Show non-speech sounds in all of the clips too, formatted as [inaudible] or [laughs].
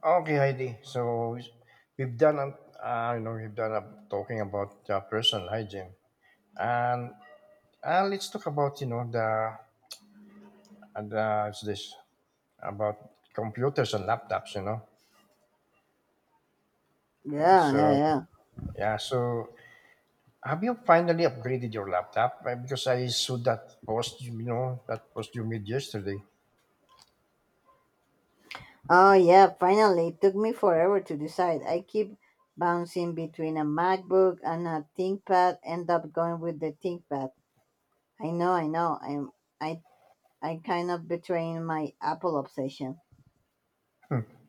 Okay, Heidi. We've done, a- you know, we've done a, talking about personal hygiene, and let's talk about, you know, the and the it's this about computers and laptops. You know, Yeah, yeah, so yeah. yeah. So have you finally upgraded your laptop? Because I saw that post, you know, that post you made yesterday. Oh, yeah, finally. It took me forever to decide. I keep bouncing between a MacBook and a ThinkPad, end up going with the ThinkPad. I know, I know. I I kind of betraying my Apple obsession.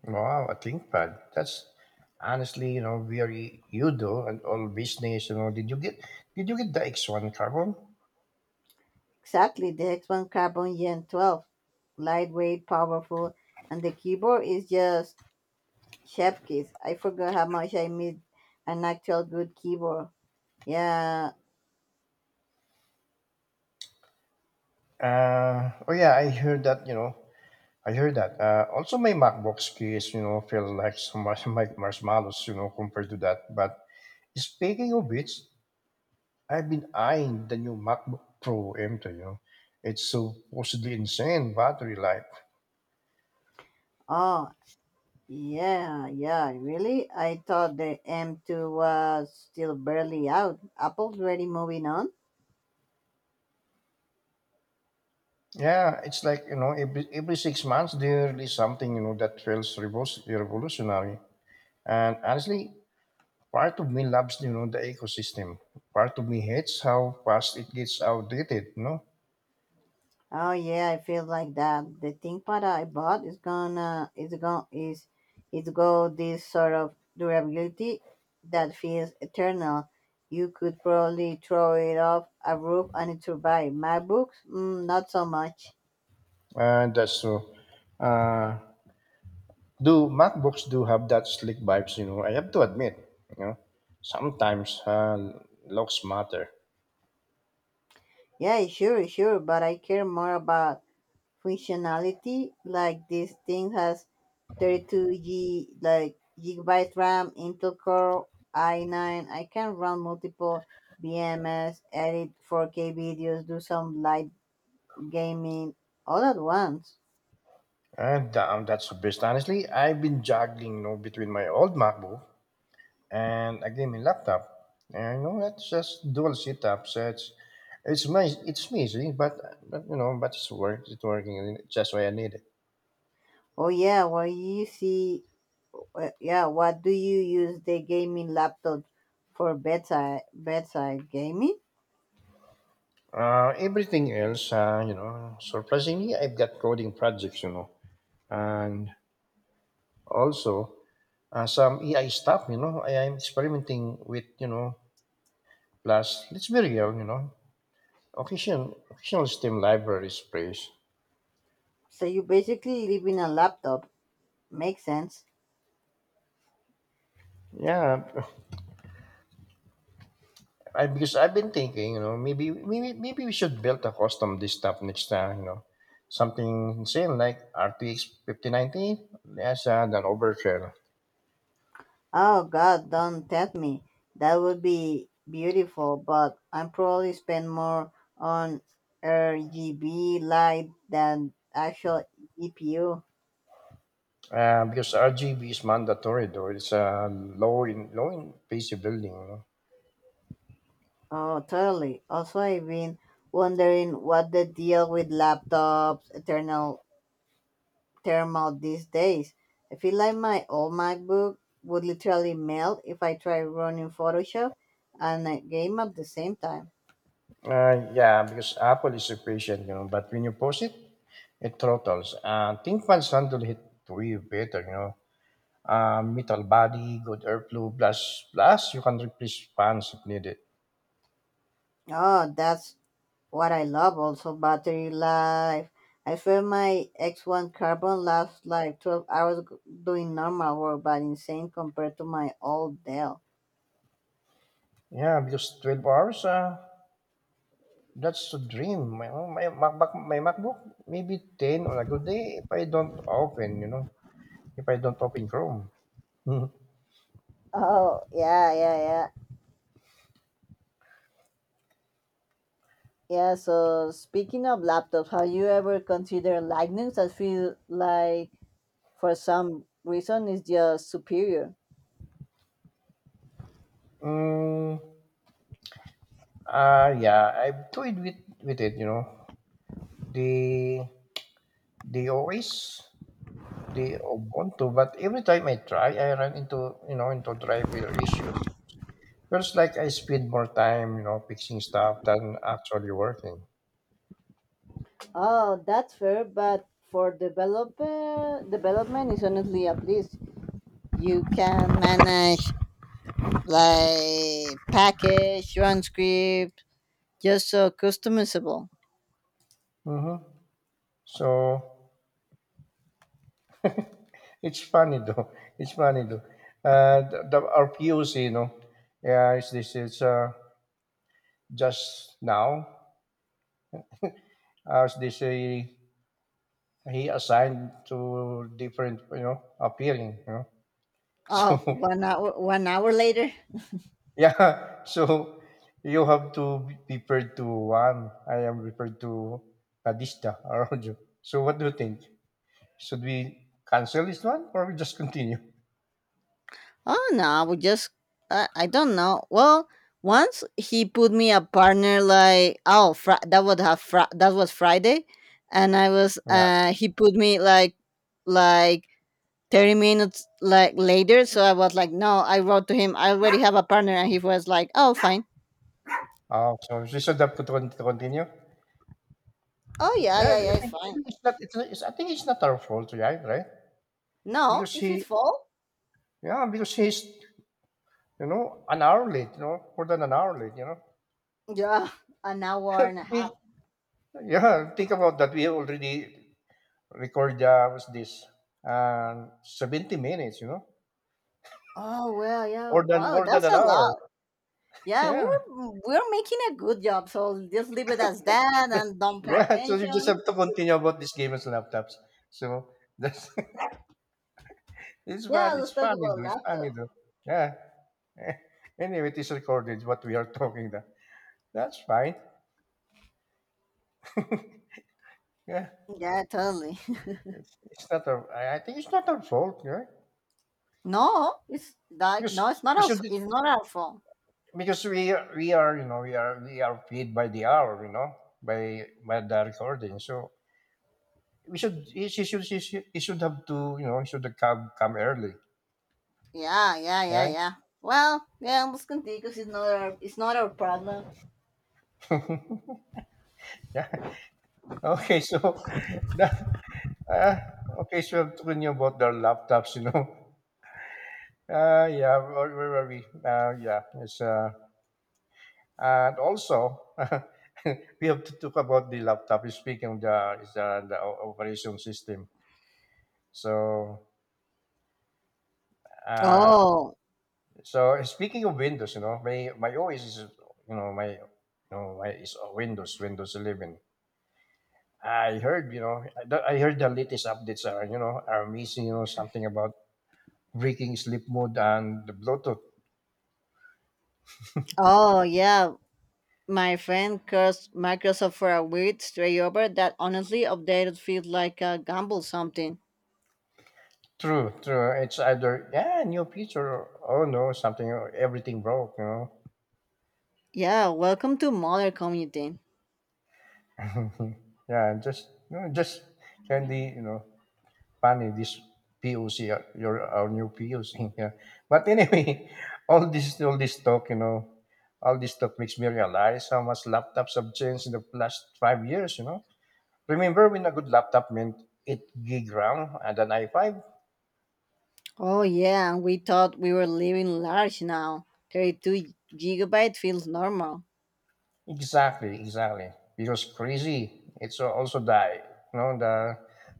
Wow, a ThinkPad. That's honestly, you know, very you do and all business. You know, did you get the X one carbon? Exactly, the X1 Carbon Gen 12. Lightweight, powerful, and the keyboard is just chef kiss. I forgot how much I miss an actual good keyboard. Yeah. Oh yeah, I heard that. You know, I heard that. Also, my MacBook's case, you know, feels like [laughs] some much like marshmallows, you know, compared to that. But speaking of which, I've been eyeing the new MacBook Pro M2. You know, it's supposedly insane battery life. Oh, Yeah, yeah, really? I thought the M2 was still barely out. Apple's already moving on. Yeah, it's like you know, every 6 months they release something you know that feels revolutionary. And honestly, part of me loves you know the ecosystem. Part of me hates how fast it gets outdated. Oh yeah, I feel like that. The ThinkPad I bought is gonna is going is it's got this sort of durability that feels eternal. You could probably throw it off a roof and it survive. MacBooks, not so much. That's true. Uh, do MacBooks do have that slick vibes? You know, I have to admit. You know, sometimes looks matter. Yeah, sure, sure, but I care more about functionality. Like this thing has 32 G like gigabyte RAM, Intel Core i9. I can run multiple VMs, edit 4K videos, do some light gaming all at once. And that's the best. Honestly, I've been juggling, you know, between my old MacBook and a gaming laptop. And you know, that's just dual setups. It's nice. It's messy, but you know, but It's working. And It's just why I need it. Oh yeah, what you see? Yeah, what do you use the gaming laptop for? Bedside gaming. Everything else, you know, surprisingly, I've got coding projects, you know, and also, some AI stuff, you know, I am experimenting with, you know, plus, let's be real, you know, occasional STEM libraries, please. So you basically live in a laptop. Makes sense. Yeah, [laughs] because I've been thinking, you know, maybe we should build a custom this stuff next time, you know, something insane like RTX 5090 as an overkill. Oh God, don't tempt me. That would be beautiful, but I'm probably spend more on RGB light than actual GPU. Because RGB is mandatory, though it's a low in PC building. You know. Oh, totally. Also, I've been wondering what the deal with laptops, eternal thermal these days. I feel like my old MacBook would literally melt if I try running Photoshop and a game at the same time. Yeah, because Apple is so patient, you know, but when you post it, it throttles. ThinkPad's handle it way better, you know. Metal body, good airflow, plus you can replace fans if needed. Oh, that's What I love also battery life. I feel my X1 Carbon lasts like 12 hours doing normal work, but insane compared to my old Dell. Yeah, because 12 hours, that's a dream. My MacBook, maybe 10 on a good day if I don't open, you know, if I don't open Chrome. [laughs] Oh, yeah, yeah, yeah. Yeah, so speaking of laptops, have you ever considered Linux? I feel like for some reason it's just superior. Mm, yeah, I've with it, you know. The, the OS. The Ubuntu, but every time I try, I run into you know into driver issues. Feels like I spend more time you know fixing stuff than actually working. Oh, that's fair, but for developer development is honestly at least you can manage like package, run script, just so customizable. Hmm. So it's funny though. [laughs] It's funny though. The our POC, you know, yeah, is this is just now as they say he assigned to different you know appealing. You know, [laughs] Oh, so 1 hour, 1 hour later. yeah, [laughs] so you have to be prepared to one. I am prepared to Kadista around you. So what do you think? Should we cancel this one or we just continue? Oh no, we just I don't know. Well, once he put me a partner like that would have that was Friday, and I was Yeah. He put me like like 30 minutes like later. So I was like no, I wrote to him. I already have a partner, and he was like oh fine. Oh, so we should have to to continue. Oh yeah, yeah, yeah, it's I fine. think it's not. I think it's not our fault, right? Right? No, Because it's his he, fault. yeah, because you know, an hour late. You know, more than an hour late. You know. Yeah, an hour and a Think- half. Yeah, think about that. We already record. Was this? 70 minutes. You know Oh well, yeah. more than Wow, more than that's an a hour. lot. Yeah, we Yeah. were we're making a good job, so just leave it as that and don't pay Yeah. [laughs] So you just attention. have to continue about this game as laptops. So that's [laughs] it's Yeah, fun. Let's talk about It's funny laptop. though. Yeah. [laughs] Eh, anyway, it is recorded what we are [laughs] talking that. That's fine. [laughs] yeah. Yeah, totally. [laughs] It's not our I think it's not our fault, right? No, it's like no, Because we should it's not our fault. because you know, we are paid by the hour, you know, by the recording. So we should he, she should he should have to, you know, he should have come early. Yeah, yeah, yeah, Right? yeah. Well, yeah, let's continue because it's not our problem. [laughs] Yeah. Okay. So [laughs] that uh, okay. So I'm talking about the laptops. You know. [laughs] Yeah. Where are we? Yeah. It's and also [laughs] we have to talk about the laptop. Speaking of the is the operation system. So uh, Oh, so speaking of Windows, you know, my OS is you know my is Windows Windows 11. I heard, you know, I heard the latest updates are, you know, are missing, you know, something about breaking sleep mode and the Bluetooth. oh yeah. My friend cursed Microsoft for a weird stray over that honestly updated feels like a gamble something. True, true. It's either yeah, new feature or oh no, something or everything broke, you know. Yeah, welcome to Modern Community. [laughs] yeah, just you know, just can be you know funny this POC uh, your our new POC. [laughs] Yeah. But anyway, [laughs] all this talk, you know, all this talk makes me realize how much laptops have changed in the last 5 years, you know. Remember when a good laptop meant eight gig RAM and an i5? Oh yeah, and we thought we were living large now. 32 gigabyte feels normal. Exactly. Because crazy, it's also die. You know, the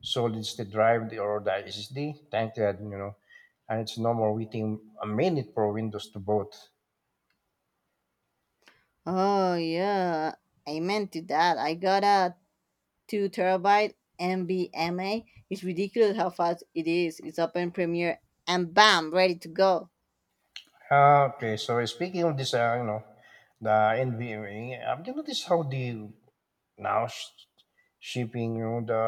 solid state drive or the SSD, thank God, you know, and it's no more waiting a minute for Windows to boot. Oh yeah, amen to that. I got a 2 terabyte MBMA. It's ridiculous how fast it is. It's open Premiere and bam, ready to go. Ah, okay, so speaking of this, you know, the NVMe, have you noticed how the now sh- shipping, you know, the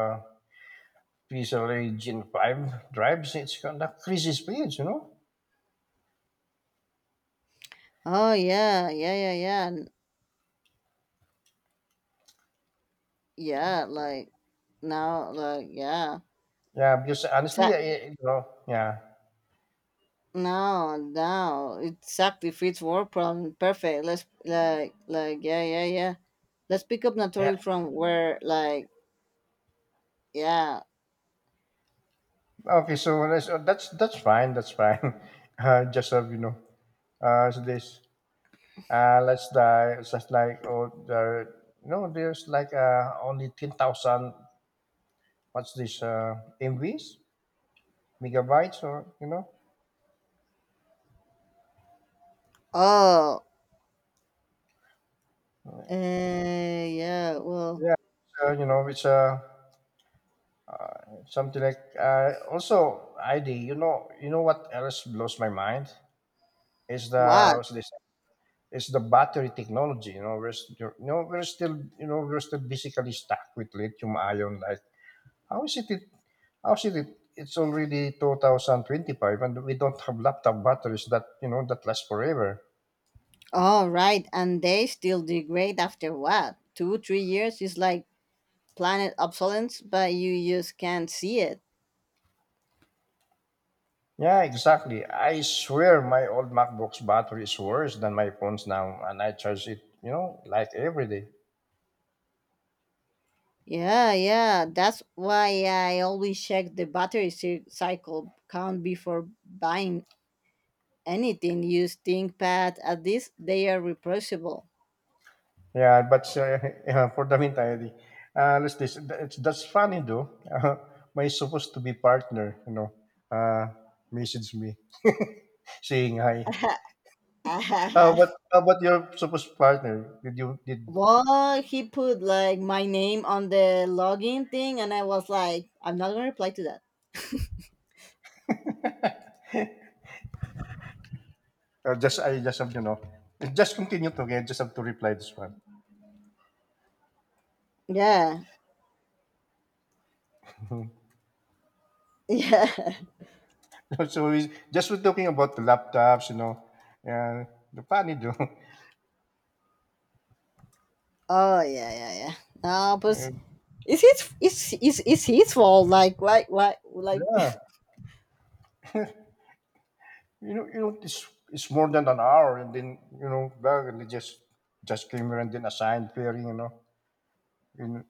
PCLA Gen 5 drives, it's kind of crazy speeds, you know? Oh yeah, yeah, yeah, yeah. Yeah, like now, like yeah, Yeah, because honestly, exact. You know, yeah. No, no, exactly fits work problem perfect. Let's like yeah, yeah, yeah. Let's pick up Yeah. Natori from where like yeah. Okay, so that's that's fine. [laughs] Just have you know, so this let's die. It's just like oh, there, you know, there's like only 10,000. What's this? MVs, megabytes, or you know, Oh, yeah. Well, yeah. So you know, it's something like also ID. You know what else blows my mind is the what's what? this? Is the battery technology. You know, you know we're still basically stuck with lithium ion. How is it, it how is it, it's already 2025 and we don't have laptop batteries that you know that last forever. Oh, right. And they still degrade after what? Two, 3 years is like planet obsolescence, but you just can't see it. Yeah, exactly. I swear my old MacBook's battery is worse than my phone's now and I charge it, you know, like every day. Yeah, yeah. That's why I always check the battery cycle count before buying anything. Use ThinkPad. At least they are replaceable. Yeah, but [laughs] yeah, for the meantime, let's this. That's funny though. [laughs] My supposed to be partner, you know, uh, messaged me [laughs] saying hi. [laughs] How about your supposed partner? Did Well, he put like my name on the login thing, and I was like, I'm not gonna reply to that. Just I just have you know, just continue talking. I just have to reply this one. Yeah, [laughs] [laughs] yeah. So we're talking about the laptops, you know, and the funny though. [laughs] Oh, yeah, yeah, yeah. No, but Uh, it's his fault. Like, why, like yeah, you know, it's more than an hour, and then you know, bag, and they just came here and then assigned pairing, you know, you know.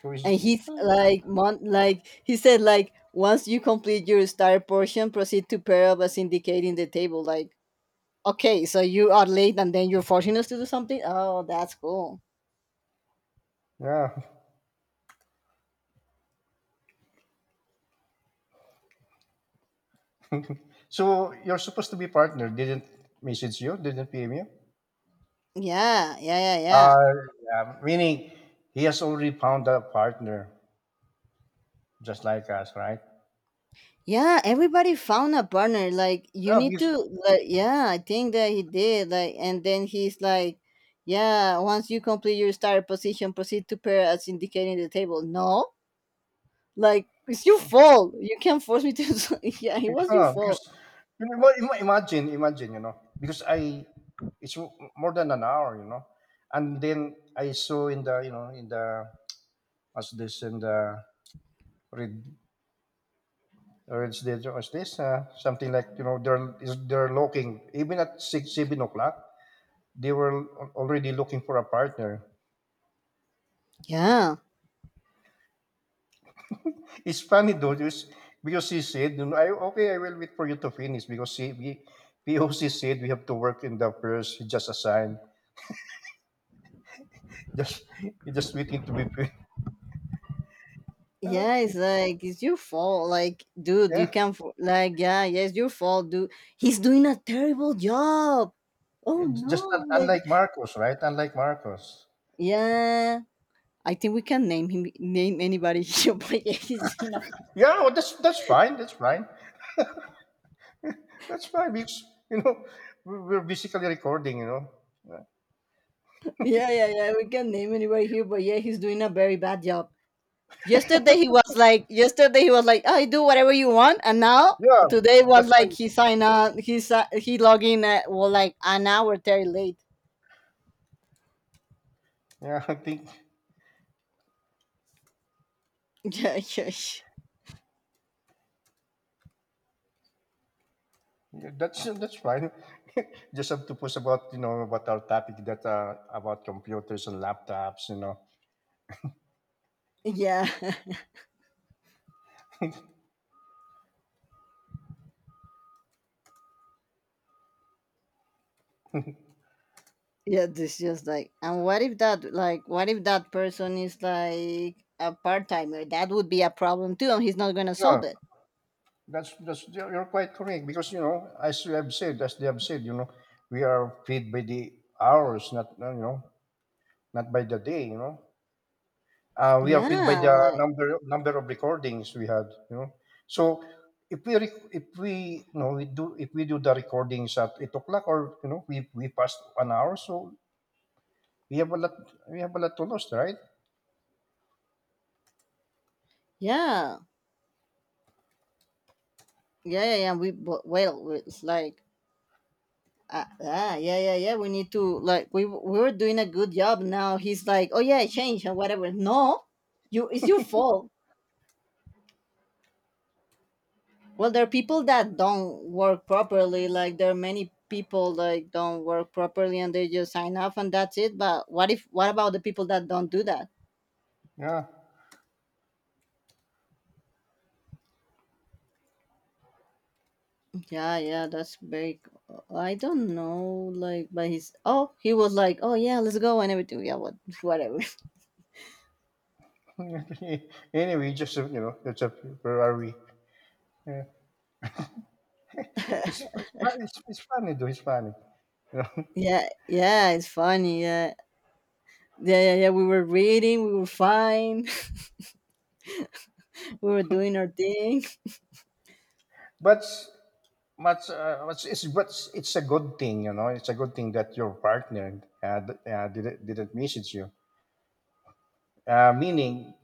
So and it's, he's like like he said like once you complete your star portion proceed to pair up as indicating the table like okay, so you are late and then you're forcing us to do something. Oh, that's cool. yeah. [laughs] So you're supposed to be partner. Didn't message you? Didn't PM you? Yeah, yeah, yeah, yeah, Uh, yeah, meaning he has already found a partner, just like us, right? yeah, everybody found a partner like you Yeah, need to because like yeah, I think that he did like and then he's like yeah once you complete your star position proceed to pair as indicating the table. No, like it's your fault, you can't force me to [laughs] yeah it [laughs] was your yeah, because fault. you know, imagine, you know, because I it's more than an hour, you know, and then I saw in the you know in the as this in the read read this as this something like you know they're looking even at 6, 7 o'clock they were already looking for a partner. Yeah. It's funny though, just because he said, you know, okay, I will wait for you to finish because he, POC said we have to work in the first just assigned. Just [laughs] just waiting to be paid. [laughs] Yeah, it's Okay. like it's your fault. Like, dude, you Yeah. can't like yeah, yeah, it's your fault, dude. He's doing a terrible job. Oh It's just no, like unlike Marcos, right? Unlike Marcos. yeah. I think we can name anybody [laughs] here, but yeah, he's doing a Yeah, well, that's fine. That's fine because you know we're basically recording. You know. [laughs] yeah, yeah, yeah. We can name anybody here, but yeah, he's doing a very bad job. [laughs] Yesterday he was like, I do whatever you want, and now Yeah, today was that's why. like he signed on he log in at well like an hour very late. Yeah, I think [laughs] Yeah, yeah, that's fine. [laughs] Just have to post about you know about our topic that about computers and laptops. You know. yeah, yeah. [laughs] Yeah, this just like, and what if that, like, what if that person is like a part timer? That would be a problem too, and he's not gonna Yeah. solve it. That's you're quite correct because you know as you have said as they have said you know we are paid by the hours not you know not by the day you know we are paid by Yeah, the like, number of recordings we had you know so if we you know we do if we do the recordings at 8 o'clock or you know we passed an hour so we have a lot we have a lot to lose, right? yeah, yeah, yeah, yeah. We, but, well, we- It's like, yeah, yeah, yeah. We need to, like, we were doing a good job. Now he's like, oh yeah, I changed or whatever. No, you, it's your fault. Well, there are people that don't work properly. Like there are many people like don't work properly and they just sign off and that's it. But what if what about the people that don't do that? Yeah. Yeah, yeah, that's very. I don't know, like, but he's oh, he was like, oh yeah, let's go and everything. Yeah, what, [laughs] whatever. [laughs] Anyway just you know that's a where are we. It's funny though. It's funny, [laughs] you know. Yeah, yeah, it's funny. Yeah, yeah, yeah, yeah. We were reading, we were fine, [laughs] we were doing our thing. But much, but it's a good thing, you know. It's a good thing that your partner didn't message you. Meaning,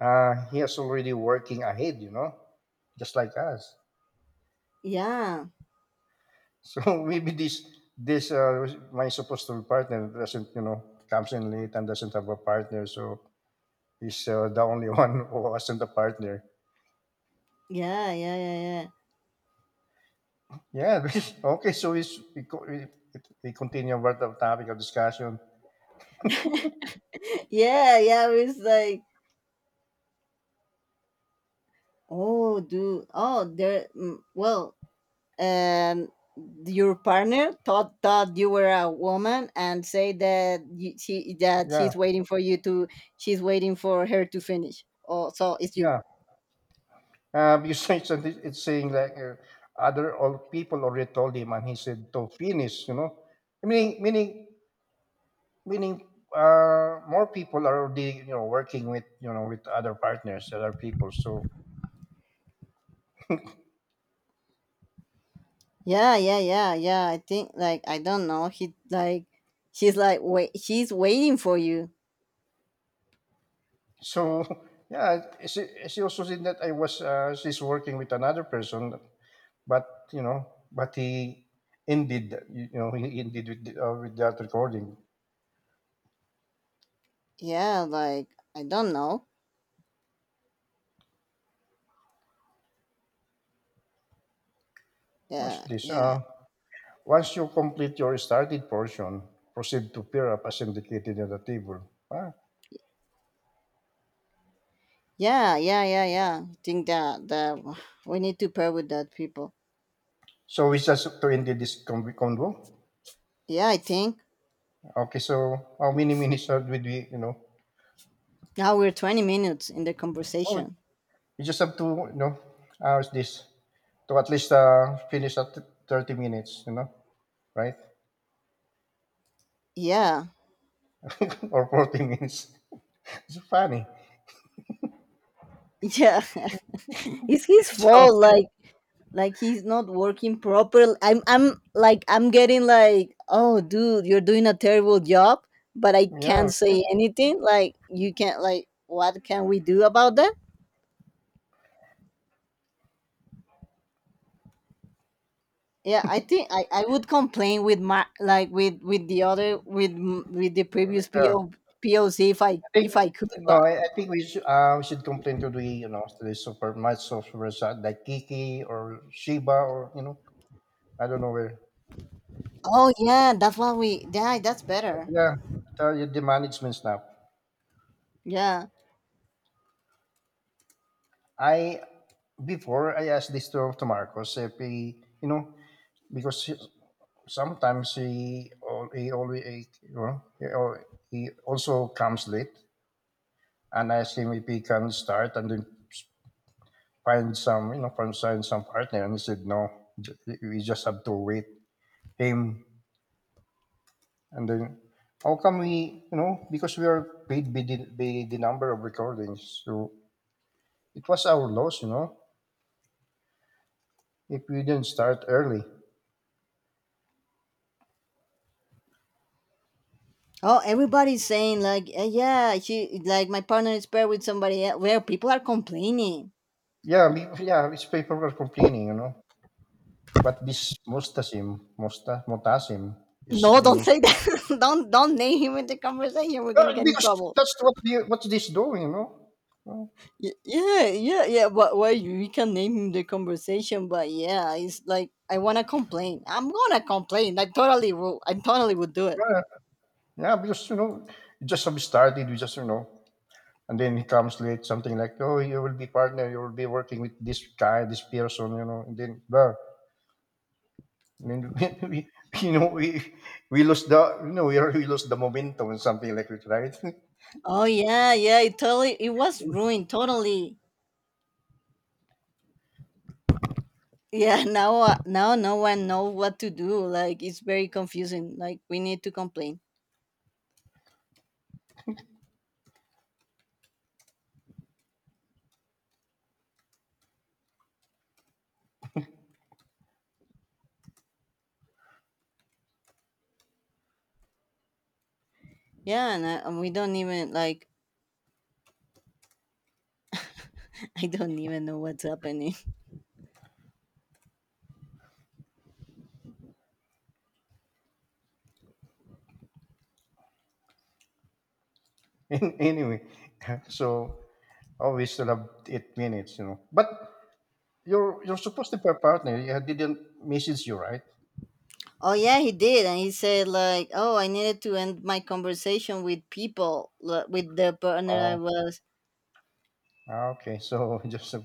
he is already working ahead, you know, just like us. Yeah, So, [laughs] maybe this my supposed to be partner doesn't, you know, comes in late and doesn't have a partner. So he's the only [laughs] one who wasn't a partner. yeah, yeah, yeah, Yeah. [laughs] Okay. So we s- we co- we continue with the topic of discussion. yeah, [laughs] yeah, yeah. It was like oh, do oh there. Mm, well, um, your partner thought you were a woman and say that you, she that Yeah. she's waiting for you to she's waiting for her to finish. Oh, so it's you. Yeah. You say something. It's saying like other all people already told him, and he said to finish. You know, meaning meaning meaning more people are already, you know, working with, you know, with other partners, other people. So Yeah, yeah, yeah, yeah. I think like I don't know. He like she's like wait. She's waiting for you. so [laughs] yeah. She also said that I was she's working with another person, but you know, but he ended, you know, he ended with, with that recording. Yeah, like I don't know. Watch Yeah, this. yeah, Once you complete your started portion, proceed to pair up as indicated at the table. Ah. yeah, yeah, yeah, yeah. I think that that we need to pair with that people. So we just to end this convo. Yeah, I think. Okay, so how many would we, you know? Now we're 20 minutes in the Oh, conversation. you just have to, you know, how's this? To at least finish at 30 minutes, you know, right? Yeah. [laughs] [laughs] Or 40 minutes. [laughs] It's funny. Yeah. [laughs] It's his So, fault like he's not working properly. I'm like I'm getting like, "Oh, dude, you're doing a terrible job," but I yeah, can't say anything. Like you can't like what can we do about that? Yeah, I think I would complain with my like with the other with the previous yeah. POC think if I could No, but I think we should complain to the, you know, to the super much software, like Kiki or Shiba, or, you know, I don't know where. oh yeah, that's what we yeah, that's better. Yeah, tell you the management's now. Yeah. I before I asked this to Marcos if he, you know, because he- sometimes he always, you know, he also comes late, and I asked him if he can start and then find some, you know, find some partner, and he said no, we just have to wait him. And then how come we, you know, because we are paid by the number of recordings. So it was our loss, you know, if we didn't start early. Oh, everybody's saying like, "Eh, yeah, she like my partner is paired with somebody else." Well, people are complaining. Yeah, we, [laughs] yeah, it's people were complaining, you know. But this motasim is, No, you know, don't is, say that. [laughs] Don't name him in the conversation. We're gonna well, get in because trouble. that's what what this doing, you know. Well, Yeah, yeah, yeah. But well, we can name him the conversation. But yeah, it's like I wanna complain. I'm gonna complain. I totally will. I totally would do it. yeah, yeah, because, you know, you just have started, we just, you know, and then he comes late, something like, oh, you will be partner, you will be working with this guy, this person, you know, and then, blah. And [laughs] we, you know, we lost the, you know, we already lost the momentum and something like that, right? Oh yeah, yeah. It totally. It was [laughs] ruined totally. Yeah. [laughs] Now now no one knows what to do. Like it's very confusing. Like we need to complain. Yeah, and we don't even like [laughs] I don't even know what's happening. [laughs] An- anyway, [laughs] so oh, we still have 8 minutes, you know. But your supposed partner, yeah, didn't message you, right? Oh yeah, he did, and he said like, "Oh, I needed to end my conversation with people like, with the partner I Oh, was." ah, okay. So [laughs] just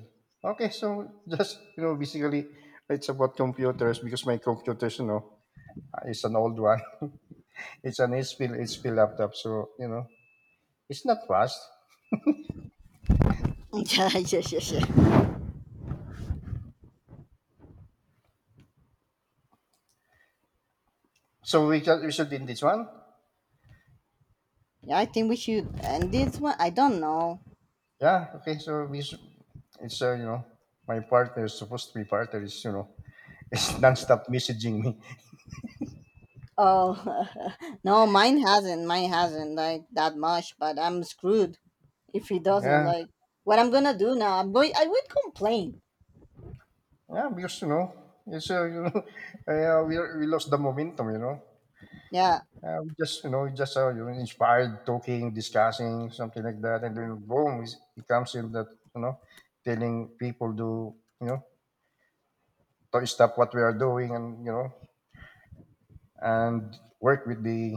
okay. So just, you know, basically, it's about computers because my computers, you know, it's an old one. [laughs] It's an HP laptop, so you know, it's not fast. [laughs] yeah, yeah, yeah, yeah. So we just we should in this one. Yeah, I think we should end this one. I don't know. Yeah. Okay. So it's you know, my partner is supposed to be partner is, you know, [laughs] is nonstop messaging me. Oh [laughs] no, mine hasn't. Mine hasn't like that much, but I'm screwed if he doesn't Yeah. like. What I'm gonna do now? I'm going. I would complain. Yeah. Because you know, it's you know, [laughs] we lost the momentum. You know. Yeah, We just, you know, we just, you know, inspired talking, discussing something like that, and then boom, he comes in that, you know, telling people to, you know, to stop what we are doing, and you know, and work with the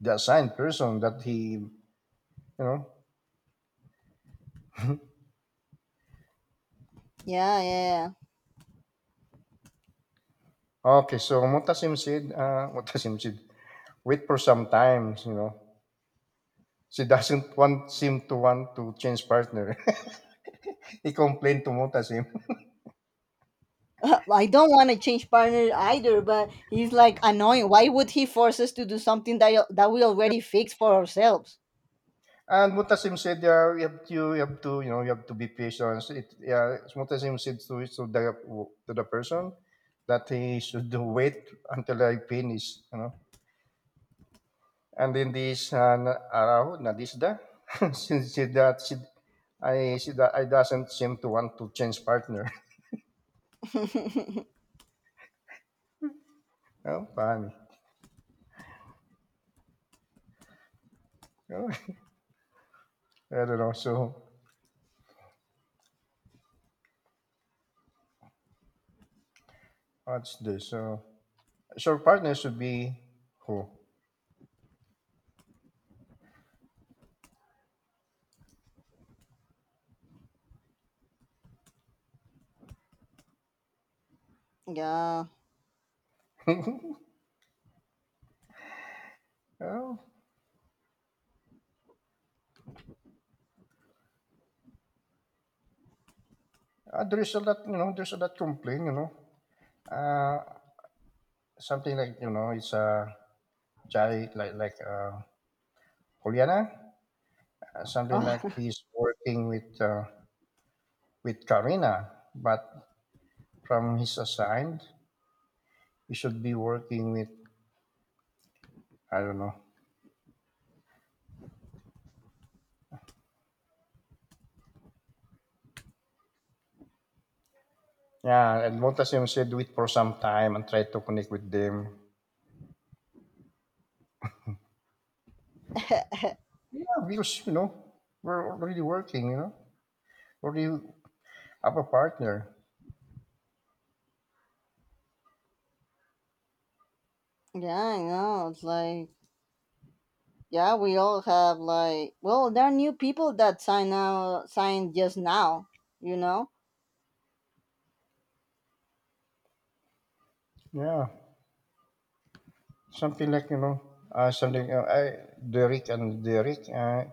assigned person that he, you know, [laughs] yeah, yeah, yeah. okay, so Mutasim said, [laughs] wait for some time, you know. She doesn't want seem to want to change partner. [laughs] He complained to Mutasim, [laughs] I don't want to change partner either, but he's like annoying. Why would he force us to do something that we already fixed for ourselves? and Mutasim said, yeah, you have to, you know, you have to be patient. It, yeah, Mutasim said to the person that he should [laughs] wait until I finish, you know. And in this araw, nadisda, [laughs] she said that she, I doesn't seem to want to change partner. [laughs] Oh, fine. Oh, [laughs] I don't know. So, what's this? So, so [laughs] partner should be who? yeah. [laughs] Well, there's a lot, you know, there's a lot complain, you know. Uh, something like, you know, it's a Jai, Juliana, something like Oh. he's working with Karina, but from his assigned, he should be working with, I don't know. Yeah, and Montasio said, do it for some time and try to connect with them. [laughs] Yeah, because you know we're already working. You know, already have a partner. yeah, I know. It's like yeah, we all have like well, there are new people that signed just now, you know? Yeah, something like you know, something. I Derek and Derek.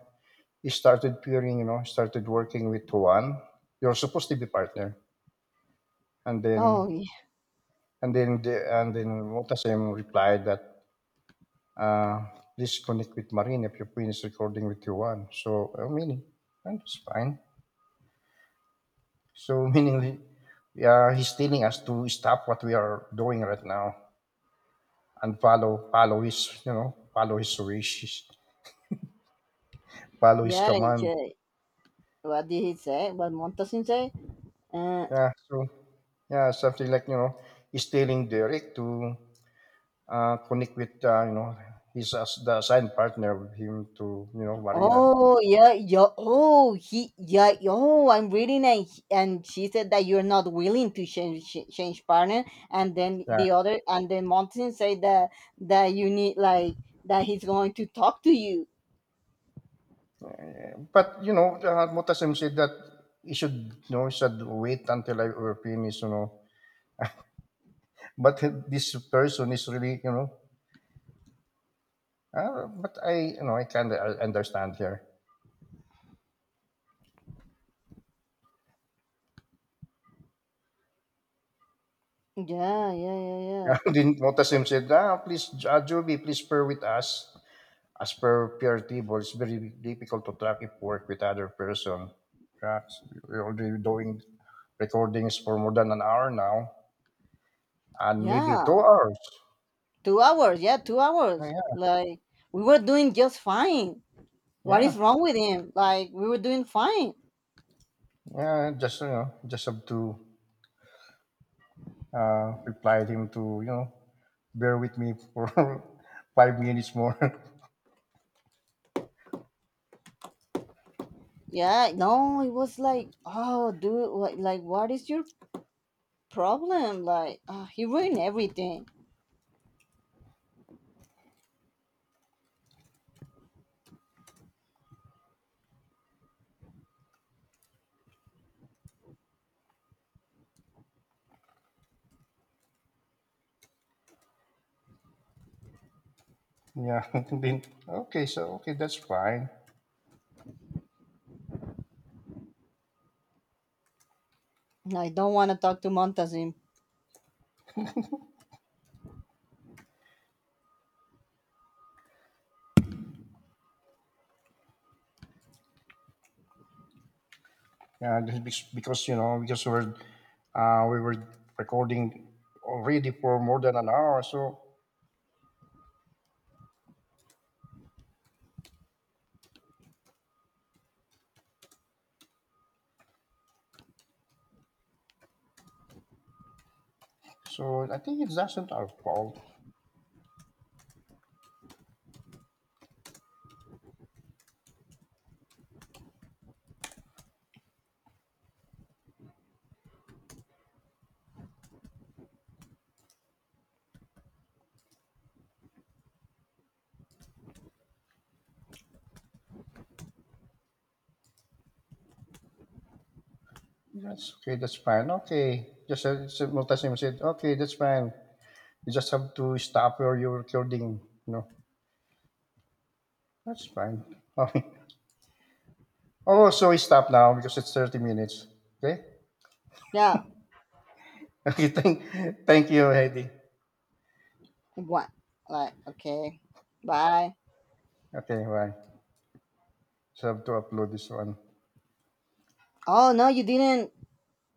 He started peering. You know, started working with Juan. You're supposed to be partner, and Oh then yeah, and then Motasem replied that uh, please connect with Marine if you finish recording with Juan. So I mean, and it's fine. So [laughs] meaning, yeah, he's telling us to stop what we are doing right now and follow his, you know, follow his wishes, follow his yeah. command. yeah. What did he say? What Montasin say? Uh, Yeah, so yeah, something like you know, he's telling Derek to connect with you know his as the assigned partner with him to, you know, Marina. Oh yeah, yeah. Oh, he, yeah. Oh, I'm reading, and she said that you're not willing to change change partner, and then Yeah, the other, and then Monty said that you need like that he's going to talk to you. but you know, Mutasim said that he should, you know, he should wait until I were finished, you know. But this person is really, you know. But I, you know, I kind of understand here. [laughs] Yeah, yeah, yeah, yeah, Yeah, then Mutasim said, ah, please, Juby, please pray with us. As per peer table, it's very difficult to track if work with other person. Right? We're already doing recordings for more than an hour now, and maybe two yeah. hours. 2 hours. Yeah, two Yeah, hours. yeah, Like we were doing just fine. What yeah. is wrong with him? Like we were doing fine. Yeah, Just you know, just have to reply him to, you know, bear with me for [laughs] 5 minutes more. [laughs] Yeah. No, it was like, oh, dude, what? Like what is your problem. Like, he ruined everything. Yeah, [laughs] then okay, so okay, that's fine. I don't want to talk to Montazim. Yeah, this is because you know, because we're we were recording already for more than an hour, so so I think it doesn't our fault. That's okay. That's fine. Okay, just multisim said, okay, that's fine. You just have to stop where you're recording. No, that's fine. [laughs] Okay. Oh, so we stop now because it's 30 minutes. Okay. Yeah, [laughs] Okay. Thank you, Heidi. like, what? Like, okay, bye. Okay. Bye. Just have to upload this one. Oh no, you didn't.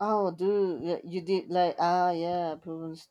Oh, dude, you did like ah yeah, problems.